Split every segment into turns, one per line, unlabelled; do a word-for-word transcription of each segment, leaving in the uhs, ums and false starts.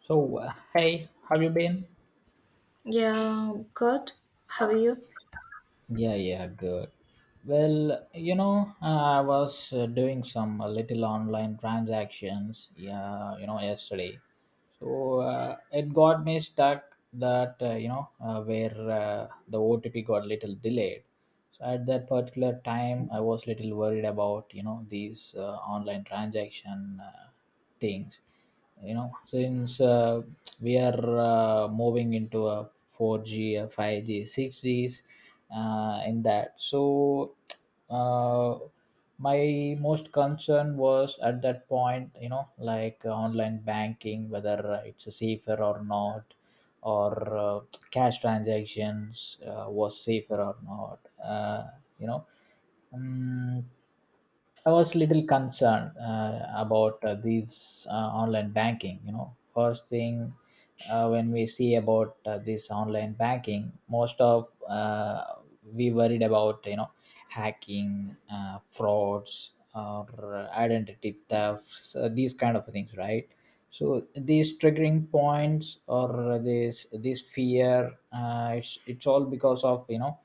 So, uh, hey, have you been?
Yeah, good. How are you?
Yeah, yeah, good. Well, you know, I was uh, doing some uh, little online transactions, yeah, you know, yesterday. So uh, it got me stuck that, uh, you know, uh, where uh, the O T P got little delayed. So at that particular time, I was little worried about, you know, these uh, online transaction uh, things. You know since uh, we are uh, moving into a four g a five g six g's uh, in that. So uh, my most concern was at that point, you know, like uh, online banking, whether uh, it's a safer or not, or uh, cash transactions uh, was safer or not uh, you know um, I was little concerned uh, about uh, these uh, online banking. You know, first thing, uh, when we see about uh, this online banking, most of uh, we worried about, you know, hacking, uh, frauds, or uh, identity thefts, uh, these kind of things, right? So these triggering points or this this fear, uh, it's it's all because of, you know,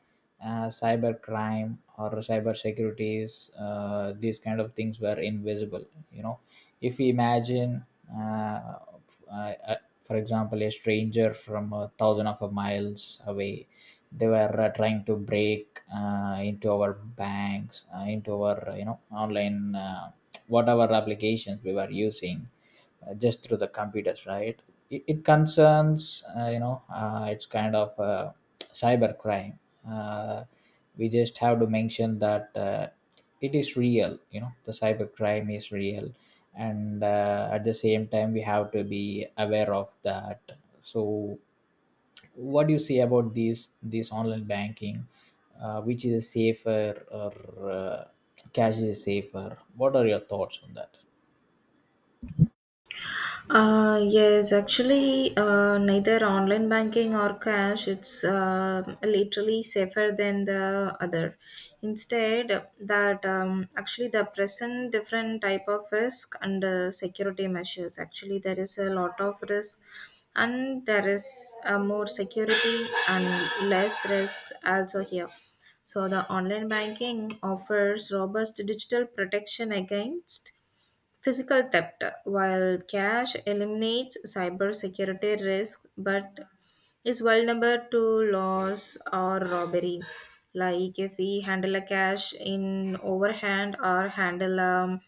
uh, cyber crime or cyber securities, uh, these kind of things were invisible, you know. If we imagine, uh, f- uh, uh, for example, a stranger from a thousand of a miles away, they were uh, trying to break uh, into our banks, uh, into our, you know, online uh, whatever applications we were using, uh, just through the computers, right? It, it concerns, uh, you know, uh, it's kind of uh, cyber crime. Uh, we just have to mention that uh, it is real, you know, the cyber crime is real, and uh, at the same time, we have to be aware of that. So, what do you say about this this online banking? Uh, which is safer, or uh, cash is safer? What are your thoughts on that?
Uh, yes, actually, uh, neither online banking or cash, it's uh, literally safer than the other. Instead, that um, actually the present different type of risk and uh, security measures. Actually, there is a lot of risk, and there is uh, more security and less risk also here. So the online banking offers robust digital protection against physical theft, while cash eliminates cybersecurity risk but is vulnerable to loss or robbery. Like if we handle a cash in overhand or handle um,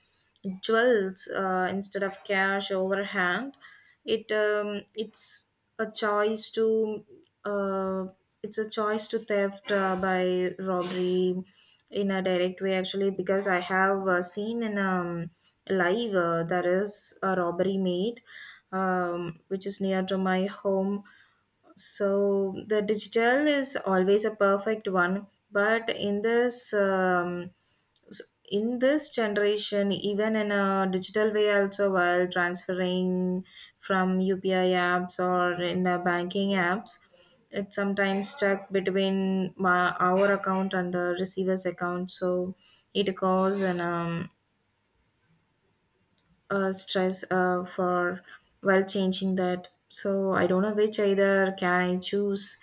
jewels uh, instead of cash overhand, it um, it's a choice to uh, it's a choice to theft uh, by robbery in a direct way actually because I have uh, seen in um, live. Uh, there is a robbery made, um, which is near to my home. So the digital is always a perfect one, but in this um, s- in this generation, even in a digital way, also while transferring from U P I apps or in the banking apps, it's sometimes stuck between my, our account and the receiver's account. So it causes an um, uh, stress uh, for while changing that. So I don't know which either can I choose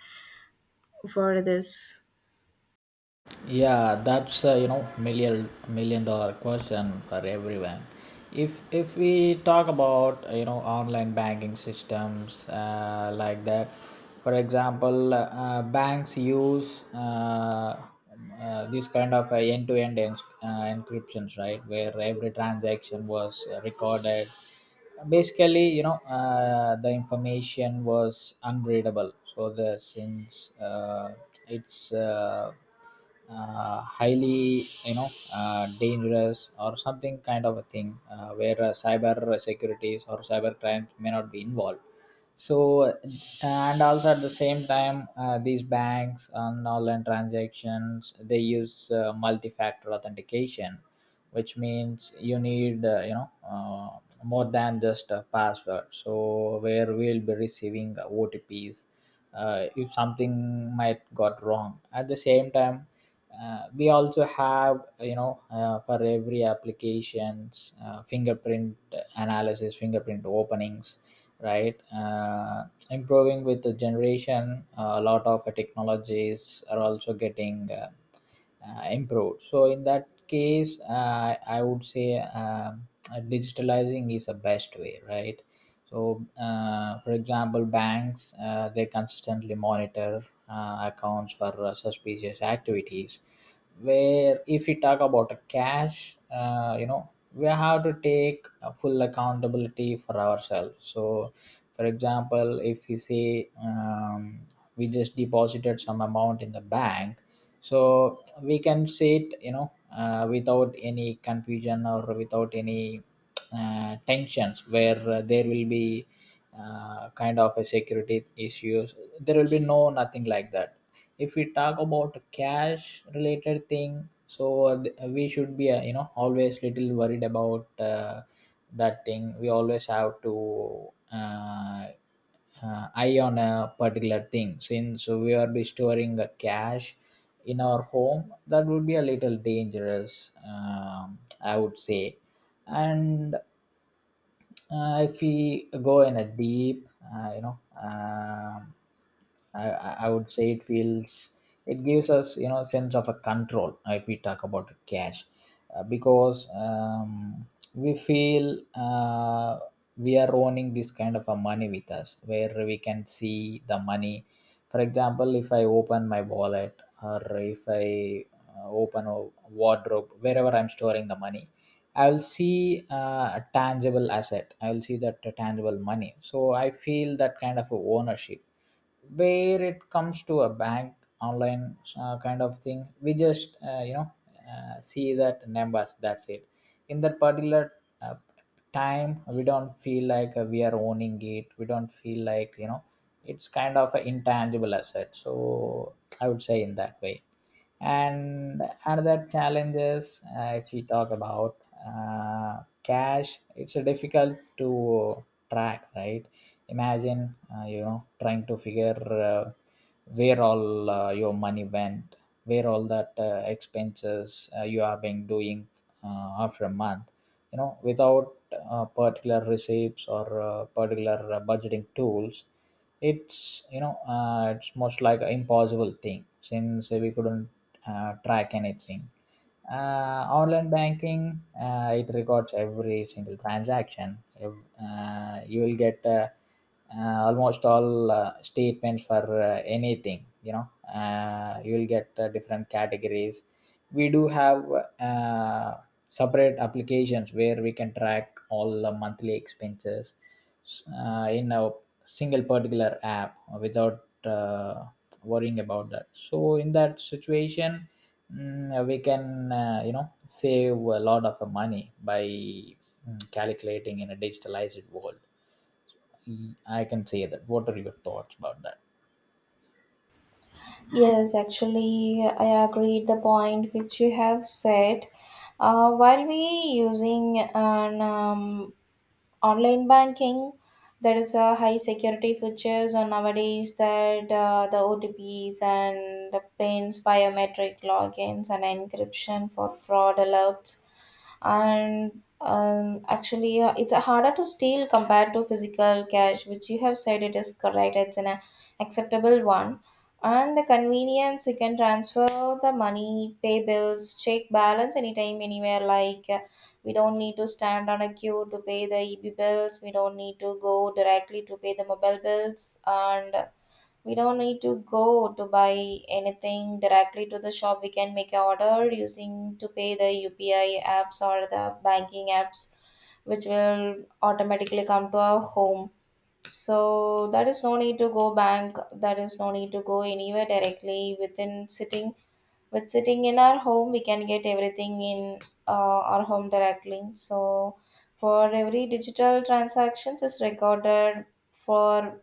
for this.
Yeah, that's uh, you know, million million dollar question for everyone. If if we talk about, uh, you know, online banking systems, uh, like that, for example, uh, banks use uh, uh, this kind of uh, end-to-end ens- uh, encryptions, right, where every transaction was uh, recorded. Basically, you know, uh, the information was unreadable, so the since uh, it's uh, uh, highly, you know, uh, dangerous or something kind of a thing, uh, where uh, cyber securities or cyber crimes may not be involved. So uh, and also at the same time, uh, these banks on online transactions, they use uh, multi-factor authentication, which means you need, uh, you know, uh, more than just a password, so where we'll be receiving otps uh, if something might got wrong. At the same time, uh, we also have, you know, uh, for every applications, uh, fingerprint analysis, fingerprint openings, right? Uh, improving with the generation, uh, a lot of uh, technologies are also getting uh, uh, improved. So in that case, uh, I would say um, uh, digitalizing is the best way, right? So, uh, for example, banks, uh, they consistently monitor uh, accounts for uh, suspicious activities. Where if we talk about a cash, uh, you know, we have to take a full accountability for ourselves. So, for example, if we say, um, we just deposited some amount in the bank, so we can say it, you know, uh, without any confusion or without any uh, tensions, where uh, there will be uh, kind of a security issues. There will be no nothing like that. If we talk about cash related thing, so uh, th- we should be uh, you know, always little worried about uh, that thing. We always have to uh, uh, eye on a particular thing, since we are be storing a cash in our home. That would be a little dangerous, um, I would say. And uh, if we go in a deep, uh, you know, um, I, I I would say it feels, it gives us, you know, sense of a control, uh, if we talk about cash, uh, because, um, we feel uh, we are owning this kind of a money with us, where we can see the money. For example, if I open my wallet, or if I uh, open a wardrobe, wherever I'm storing the money. I'll see uh, a tangible asset. I'll see that uh, tangible money. So I feel that kind of a ownership. Where it comes to a bank online uh, kind of thing, we just uh, you know, uh, see that numbers. That's it. In that particular uh, time, we don't feel like uh, we are owning it. We don't feel like, you know, it's kind of an intangible asset. So I would say in that way. And another challenges, uh, if we talk about uh, cash, it's uh, difficult to track, right? Imagine, uh, you know, trying to figure uh, where all uh, your money went, where all that uh, expenses uh, you have been doing uh, after a month, you know, without uh, particular receipts or uh, particular uh, budgeting tools, it's, you know, uh, it's most like an impossible thing, since we couldn't uh, track anything. Uh, online banking, uh, it records every single transaction. Ev- uh, you will get uh, uh, almost all uh, statements for uh, anything, you know, uh, you will get uh, different categories. We do have uh, separate applications where we can track all the monthly expenses uh, in a single particular app without uh, worrying about that. So in that situation, mm, uh, we can, uh, you know, save a lot of money by mm, calculating in a digitalized world. Mm, I can say that. What are your thoughts about that?
Yes, actually, I agreed the point which you have said. Uh, while we using an um, online banking, there is a high security features on nowadays that uh, the O T Ps and the pins, biometric logins, and encryption for fraud alerts and um, actually uh, it's harder to steal compared to physical cash which you have said it is correct it's an a- acceptable one and the convenience you can transfer the money pay bills check balance anytime anywhere like uh, we don't need to stand on a queue to pay the eb bills we don't need to go directly to pay the mobile bills and we don't need to go to buy anything directly to the shop. We can make an order using to pay the U P I apps or the banking apps, which will automatically come to our home. So there is no need to go bank. There is no need to go anywhere directly. Within sitting with sitting in our home, we can get everything in uh, our home directly. So for every digital transactions is recorded for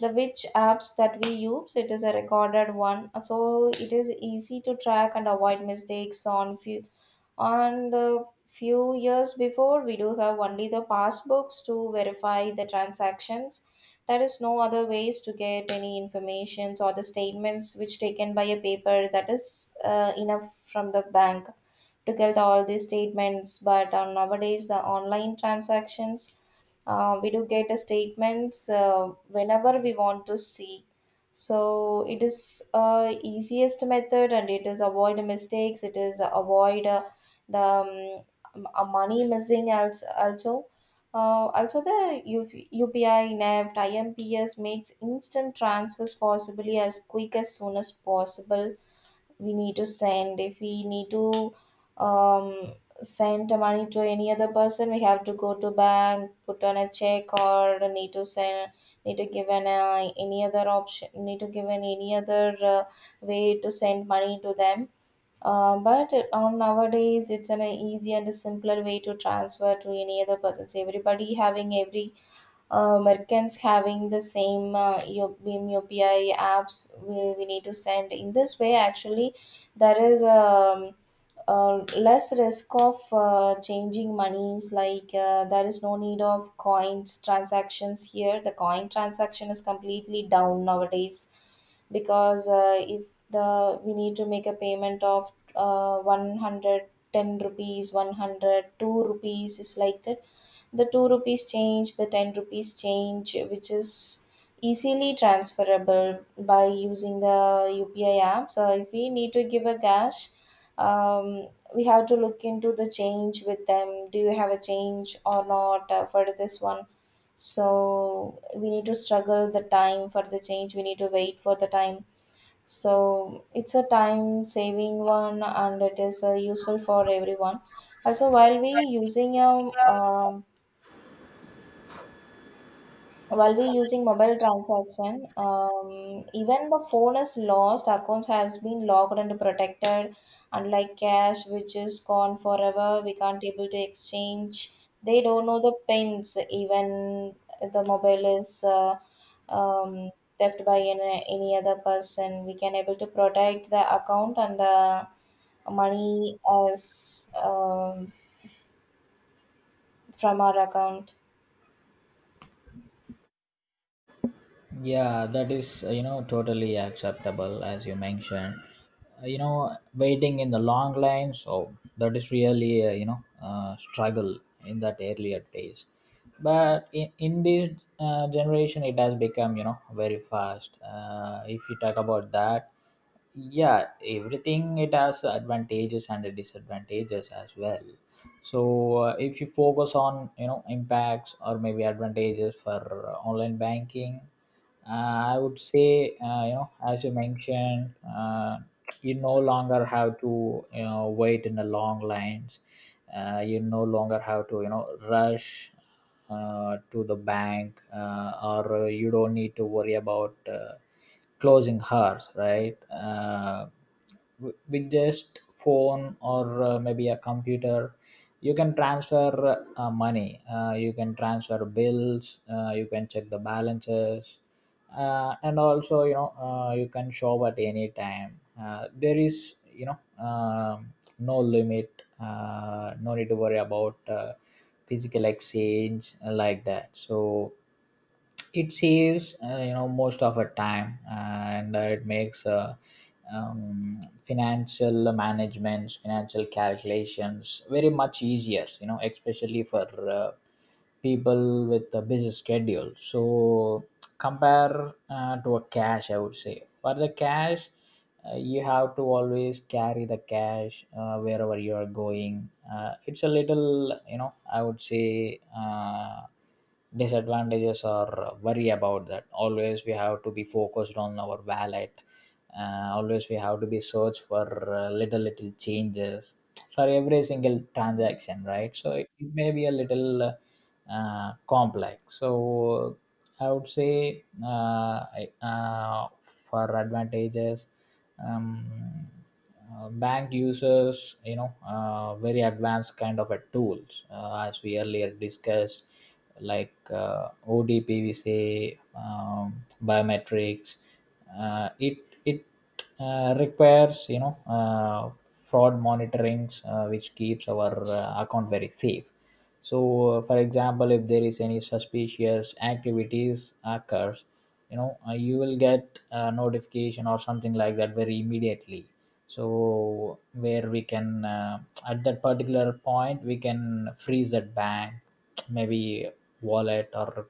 the which apps that we use it is a recorded one so it is easy to track and avoid mistakes on few on the few years before we do have only the passbooks to verify the transactions there is no other ways to get any informations or the statements which taken by a paper that is uh, enough from the bank to get all these statements but uh, nowadays the online transactions uh, we do get a statements uh, whenever we want to see so it is uh, easiest method and it is avoid mistakes it is avoid uh, the um, m- uh, money missing als- also uh, also the U UPI N E F T I M P S makes instant transfers possibly as quick as soon as possible we need to send if we need to um, send the money to any other person we have to go to bank put on a check or need to send need to give an uh, any other option need to give an any other uh, way to send money to them uh, but on nowadays it's an easy and a simpler way to transfer to any other person so everybody having every uh, merchants having the same uh, U- B I M U P I apps we, we need to send. In this way, actually, there is um, uh, less risk of uh, changing monies. Like uh, there is no need of coins transactions here. The coin transaction is completely down nowadays because uh, if the we need to make a payment of uh, one hundred ten rupees one hundred two rupees is like that the two rupees change the ten rupees change which is easily transferable by using the upi app so if we need to give a cash um, we have to look into the change with them do you have a change or not uh, for this one so we need to struggle the time for the change we need to wait for the time so it's a time saving one and it is uh, useful for everyone also while we using a um, while we're using mobile transaction, um, even the phone is lost, accounts has been locked and protected, unlike cash, which is gone forever. We can't able to exchange. They don't know the pins, even if the mobile is uh, um, theft by any, any other person. We can able to protect the account and the money as um, from our account.
Yeah, that is, uh, you know, totally acceptable as you mentioned. Uh, you know, waiting in the long lines, so that is really, uh, you know, uh, struggle in that earlier days. But in, in this uh, generation, it has become, you know, very fast. Uh, if you talk about that, yeah, everything, it has advantages and the disadvantages as well. So uh, if you focus on, you know, impacts or maybe advantages for uh, online banking, uh, I would say, uh, you know, as you mentioned, uh, you no longer have to, you know, wait in the long lines. Uh, you no longer have to, you know, rush uh, to the bank, uh, or uh, you don't need to worry about uh, closing hours, right? Uh, w- with just phone, or uh, maybe a computer, you can transfer uh, money. Uh, you can transfer bills. Uh, you can check the balances uh, and also, you know, uh, you can shop at any time. Uh, there is, you know, um, no limit, uh, no need to worry about uh, physical exchange uh, like that. So it saves uh, you know, most of our time, and uh, it makes uh, um, financial managements, financial calculations very much easier, you know, especially for uh, people with a busy schedule. So compare uh, to a cash, I would say, for the cash, uh, you have to always carry the cash uh, wherever you are going. Uh, it's a little, you know, I would say, uh, disadvantages or worry about that. Always we have to be focused on our wallet. Uh, always we have to be search for uh, little little changes for every single transaction, right? So it, it may be a little uh, uh, complex. So I would say, uh, I- uh, for advantages, um, uh, bank uses, you know, uh, very advanced kind of a tools, uh, as we earlier discussed, like, uh, O D P, we say, um, biometrics. Uh, it it uh, requires, you know, uh, fraud monitorings, uh, which keeps our uh, account very safe. So uh, for example, if there is any suspicious activities occurs, you know, uh, you will get a notification or something like that very immediately. So where we can, uh, at that particular point, we can freeze that bank, maybe wallet, or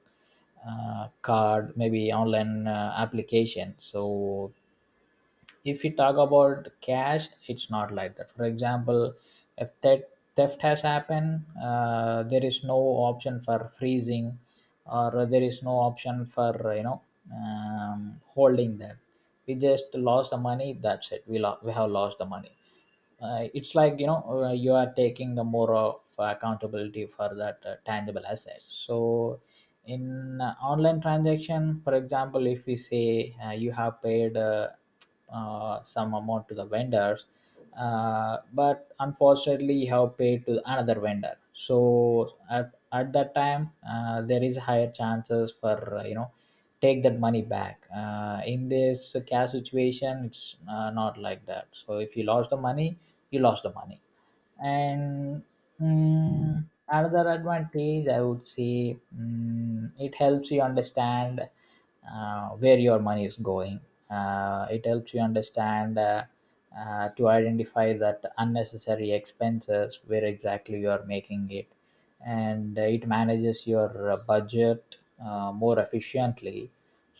uh, card, maybe online uh, application. So if we talk about cash, it's not like that. For example, if that theft has happened, uh, there is no option for freezing, or there is no option for, you know, um, holding that. We just lost the money. That's it. We, lo- we have lost the money. Uh, it's like, you know, uh, you are taking the more of accountability for that uh, tangible asset. So in uh, online transaction, for example, if we say uh, you have paid uh, uh, some amount to the vendors, uh, but unfortunately you have paid to another vendor. So at, at that time, uh, there is higher chances for, uh, you know, take that money back. Uh, in this cash situation, it's uh, not like that. So if you lost the money, you lost the money. And, mm, another advantage, I would say, mm, it helps you understand uh, where your money is going. Uh, it helps you understand uh, uh, to identify that unnecessary expenses where exactly you are making it, and it manages your uh, budget uh, more efficiently.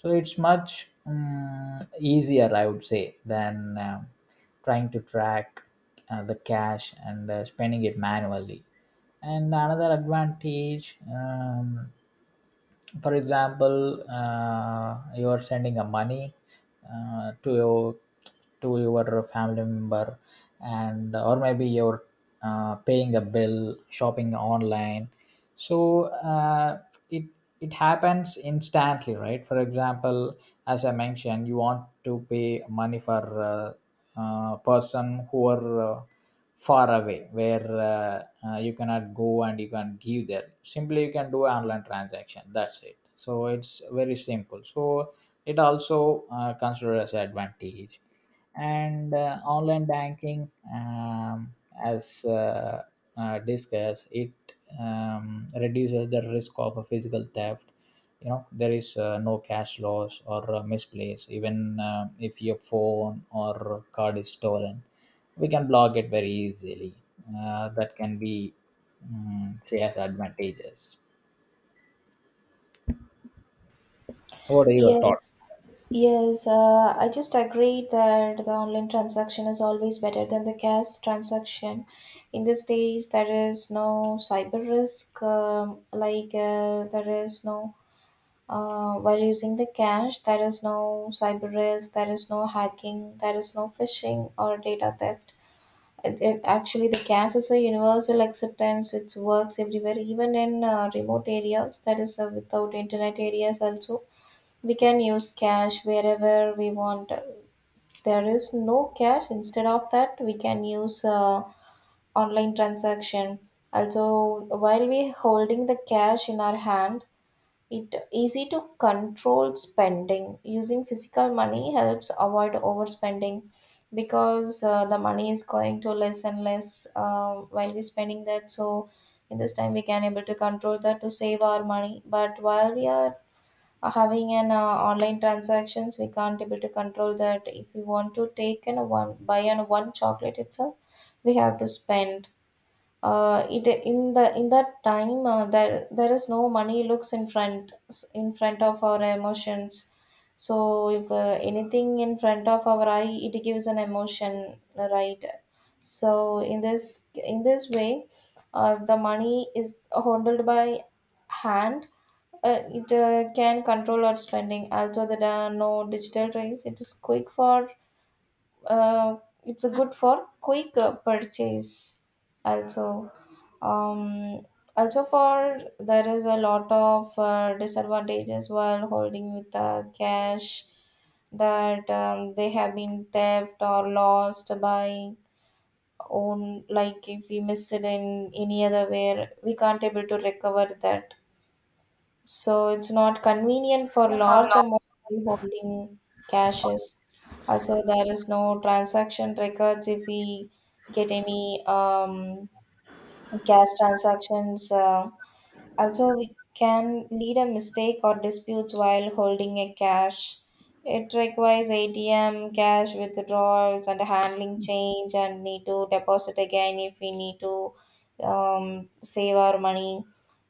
So it's much mm, easier, I would say, than um trying to track uh, the cash and uh, spending it manually. And another advantage, um, for example, uh, you are sending a money uh, to your to your family member, and or maybe you're uh, paying a bill, shopping online. So uh, it it happens instantly, right? For example, as I mentioned, you want to pay money for uh, uh, person who are uh, far away where uh, uh, you cannot go, and you can give there, simply you can do online transaction, that's it. So it's very simple. So it also uh, considered as advantage. And uh, online banking, um, as uh, uh, discussed it, um, reduces the risk of a physical theft. You know, there is uh, no cash loss or uh, misplaced. Even uh, if your phone or card is stolen, we can block it very easily. Uh, that can be mm say as advantages. What are your thoughts?
Yes, Yes, uh, I just agree that the online transaction is always better than the cash transaction. In these days, there is no cyber risk, um, like uh, there is no, uh, while using the cash, there is no cyber risk, there is no hacking, there is no phishing or data theft. It, it, actually, the cash is a universal acceptance. It works everywhere, even in uh, remote areas, that is uh, without internet areas also we can use cash wherever we want there is no cash instead of that we can use uh, online transaction also while we holding the cash in our hand it easy to control spending using physical money helps avoid overspending because uh, the money is going to less and less uh, while we spending that so in this time we can able to control that to save our money but while we are uh, having an uh, online transactions we can't able to control that if we want to take an a one buy an one chocolate itself we have to spend uh, it in the in that time uh, there there is no money looks in front in front of our emotions so if uh, anything in front of our eye it gives an emotion right so in this in this way uh, the money is handled by hand uh, it uh, can control our spending. Also, there are no digital trains. It is quick for. Uh, it's a good for quick uh, purchase. Also, um, also for there is a lot of uh, disadvantages while holding with the cash that um, they have been theft or lost by own like if we miss it in any other way we can't able to recover that so it's not convenient for large amount holding caches. Also, there is no transaction records if we get any um, cash transactions. Uh, also, we can lead a mistake or disputes while holding a cash. It requires A T M, cash withdrawals, and handling change, and need to deposit again if we need to um, save our money.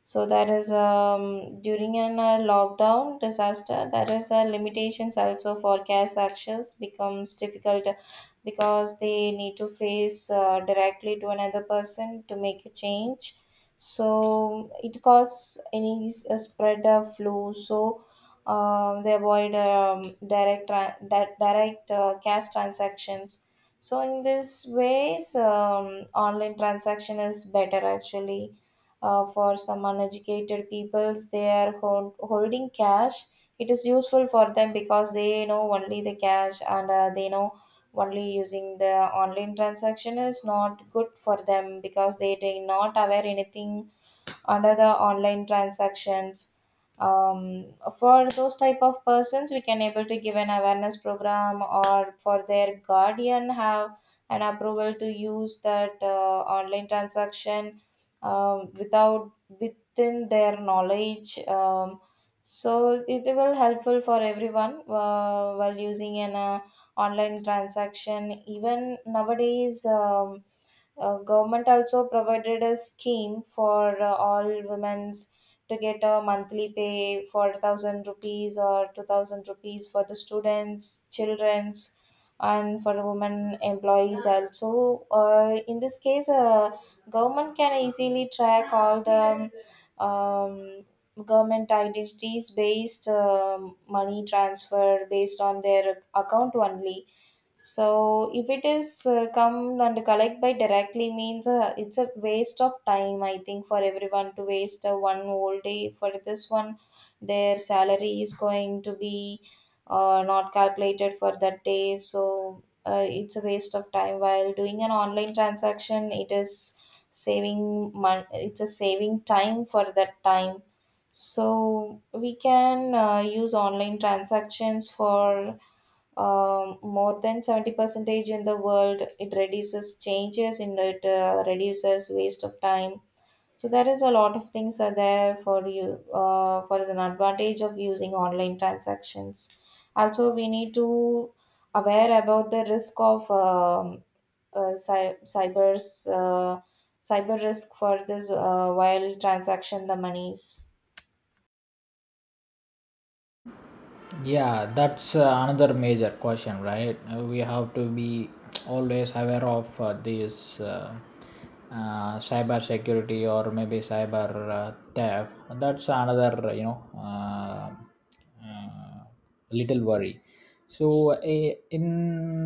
So that is um, during an uh, lockdown disaster. That is uh, limitations also for cash actions becomes difficult because they need to face uh, directly to another person to make a change so it causes any s- uh, spread of flu so um, they avoid um, direct tra- that direct uh, cash transactions so in this ways um, online transaction is better actually uh, for some uneducated peoples they are hold- holding cash it is useful for them because they know only the cash and uh, they know only using the online transaction is not good for them because they do not aware anything under the online transactions um, for those type of persons we can able to give an awareness program or for their guardian have an approval to use that uh, online transaction um, without within their knowledge um, so it will helpful for everyone uh, while using an uh, online transaction even nowadays um, uh, government also provided a scheme for uh, all women's to get a monthly pay for one thousand rupees or two thousand rupees for the students, children's and for the women employees also. Uh, in this case, uh, government can easily track all the um, government identities based um money transfer based on their account only so if it is uh, come and collect by directly means uh, it's a waste of time. I think for everyone to waste uh, one whole day for this one, their salary is going to be uh, not calculated for that day. So uh, it's a waste of time. While doing an online transaction, it is saving mon- it's a saving time for that time. So we can uh, use online transactions for um, more than seventy percentage in the world it reduces changes in it uh, reduces waste of time so there is a lot of things are there for you uh, for an advantage of using online transactions also we need to aware about the risk of um, uh, cy- cyber's uh, cyber risk for this uh, while transaction the monies.
Yeah, that's uh, another major question, right? Uh, we have to be always aware of uh, this uh, uh, cyber security, or maybe cyber uh, theft. That's another, you know uh, uh, little worry. So uh, in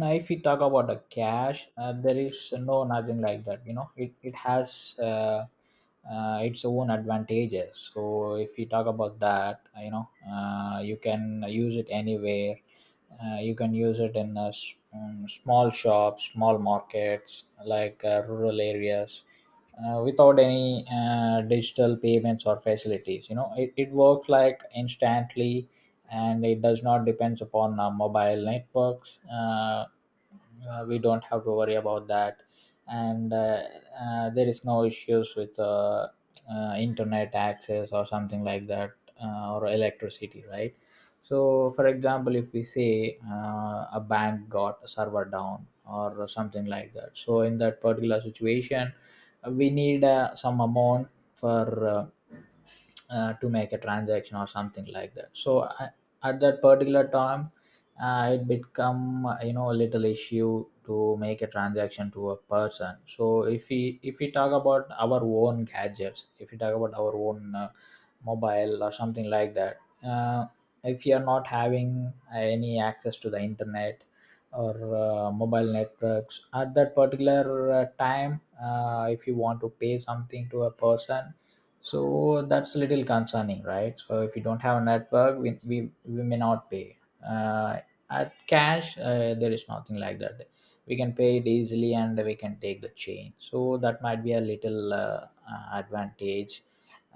if we talk about the cash, uh, there is no nothing like that, you know. It, it has uh, uh, its own advantages. So if you talk about that, you know, uh, you can use it anywhere, uh, you can use it in a s- um, small shops, small markets, like uh, rural areas, uh, without any uh, digital payments or facilities. You know, it, it works like instantly, and it does not depends upon uh, mobile networks. Uh, uh, we don't have to worry about that. And uh, uh, there is no issues with uh, uh, internet access or something like that, uh, or electricity, right? So for example, if we say uh, a bank got a server down or something like that, so in that particular situation, uh, we need uh, some amount for uh, uh, to make a transaction or something like that. So I, at that particular time, uh, it become, uh, you know, a little issue to make a transaction to a person. So if we if we talk about our own gadgets, if we talk about our own uh, mobile or something like that, uh, if you are not having any access to the internet or uh, mobile networks at that particular uh, time, uh, if you want to pay something to a person, so that's a little concerning, right? So if you don't have a network, we, we, we may not pay uh, at cash. Uh, there is nothing like that. We can pay it easily and we can take the change, so that might be a little uh, uh, advantage,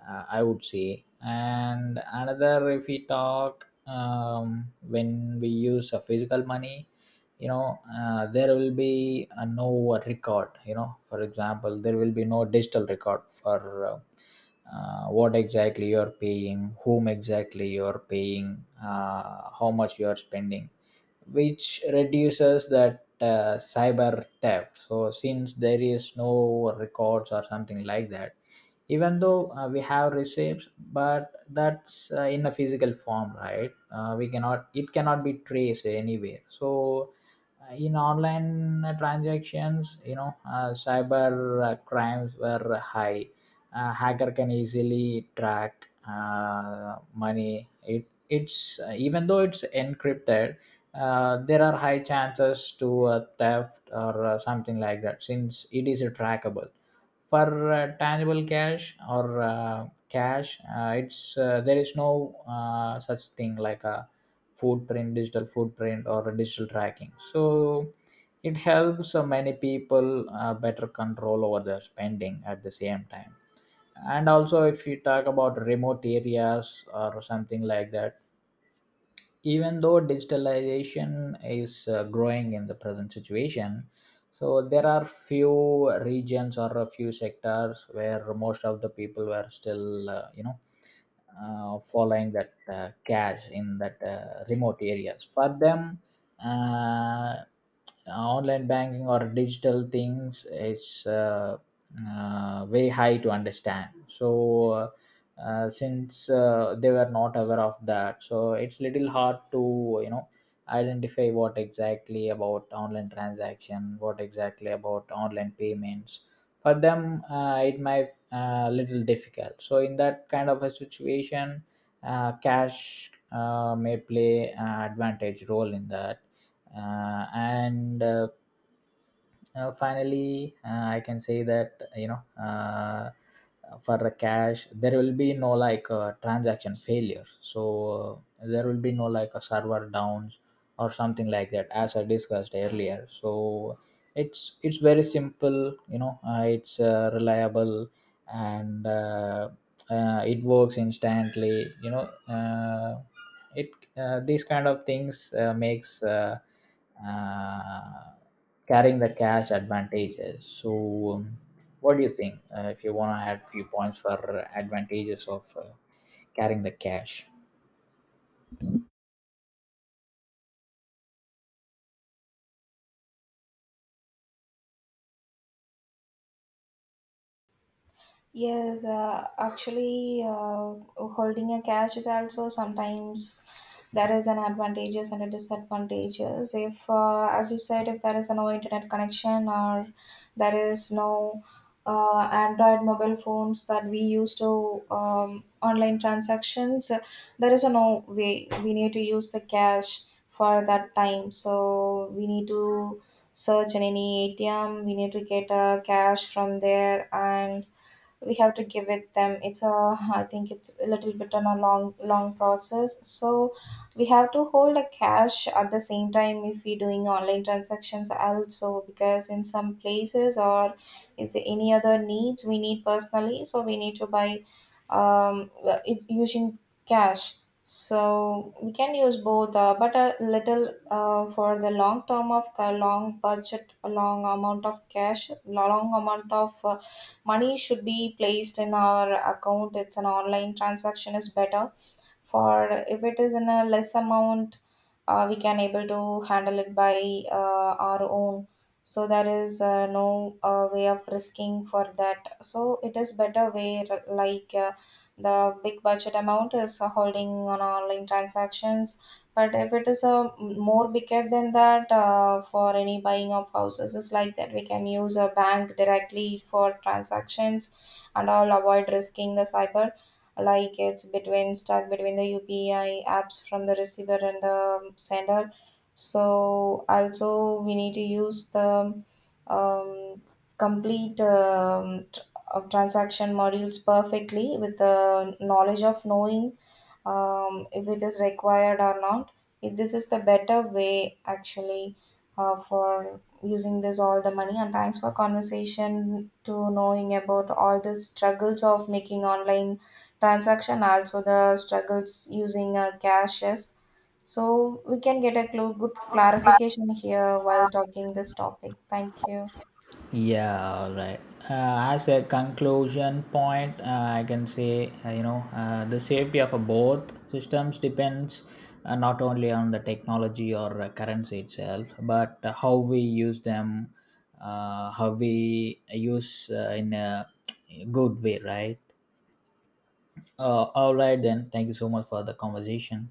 uh, I would say. And another, if we talk um, when we use a physical money, you know, uh, there will be uh, no record, you know. For example, there will be no digital record for uh, uh, what exactly you're paying, whom exactly you're paying, uh, how much you're spending, which reduces that uh, cyber theft. So since there is no records or something like that, even though uh, we have receipts, but that's uh, in a physical form, right? Uh, we cannot, it cannot be traced anywhere. So uh, in online transactions, you know, uh, cyber uh, crimes were high. Uh, hacker can easily track uh, money. It it's uh, Even though it's encrypted, uh, there are high chances to uh, theft or uh, something like that, since it is trackable. For uh, tangible cash or uh, cash, uh, it's uh, there is no uh, such thing like a footprint, digital footprint or a digital tracking. So it helps uh, many people uh, better control over their spending at the same time. And also, if you talk about remote areas or something like that, even though digitalization is uh, growing in the present situation, so there are few regions or a few sectors where most of the people were still uh, you know, uh, following that uh, cash. In that uh, remote areas, for them, uh, online banking or digital things, it's uh, uh, very high to understand. So uh, uh, since uh, they were not aware of that, so it's little hard to, you know, identify what exactly about online transaction, what exactly about online payments. For them, uh, it might uh, little difficult. So in that kind of a situation, uh, cash uh, may play an advantage role in that. Uh, and uh, uh, Finally, uh, I can say that, you know, uh, for the cash there will be no like uh, transaction failure. So uh, there will be no like a server downs or something like that, as I discussed earlier. So it's it's very simple, you know. Uh, it's uh, Reliable, and uh, uh, it works instantly, you know. Uh, it uh, These kind of things uh, makes uh, uh, carrying the cash advantages. So um, what do you think, uh, if you want to add few points for advantages of uh, carrying the cash?
Yes, uh, actually, uh, holding a cash is also sometimes there is an advantages and a disadvantages. If, uh, as you said, if there is no internet connection or there is no uh, Android mobile phones that we use to um, online transactions, uh, there is a no way we need to use the cash for that time. So we need to search in any A T M. We need to get uh, cash from there and we have to give it them it's a I think it's a little bit on a long long process so we have to hold a cash at the same time if we doing online transactions also because in some places or is there any other needs we need personally so we need to buy um well, it's using cash so we can use both uh, but a little uh, for the long term of a long budget a long amount of cash long amount of uh, money should be placed in our account it's an online transaction is better for if it is in a less amount uh, we can able to handle it by uh, our own so there is uh, no uh, way of risking for that so it is better way r- like uh, the big budget amount is uh, holding on online transactions but if it is a m- more bigger than that uh, for any buying of houses is like that we can use a bank directly for transactions and all avoid risking the cyber like it's between stuck between the U P I apps from the receiver and the sender. So also we need to use the um, complete um, tr- uh, transaction modules perfectly with the knowledge of knowing um, if it is required or not. If this is the better way actually uh, for using this all the money and thanks for conversation to knowing about all the struggles of making online transaction also the struggles using uh, caches so we can get a cl- good clarification here while talking this topic thank you
Yeah, all right. Uh, as a conclusion point, uh, I can say, uh, you know, uh, the safety of a both systems depends uh, not only on the technology or uh, currency itself, but uh, how we use them, uh, how we use uh, in a good way, right? Uh, all right, then. Thank you so much for the conversation.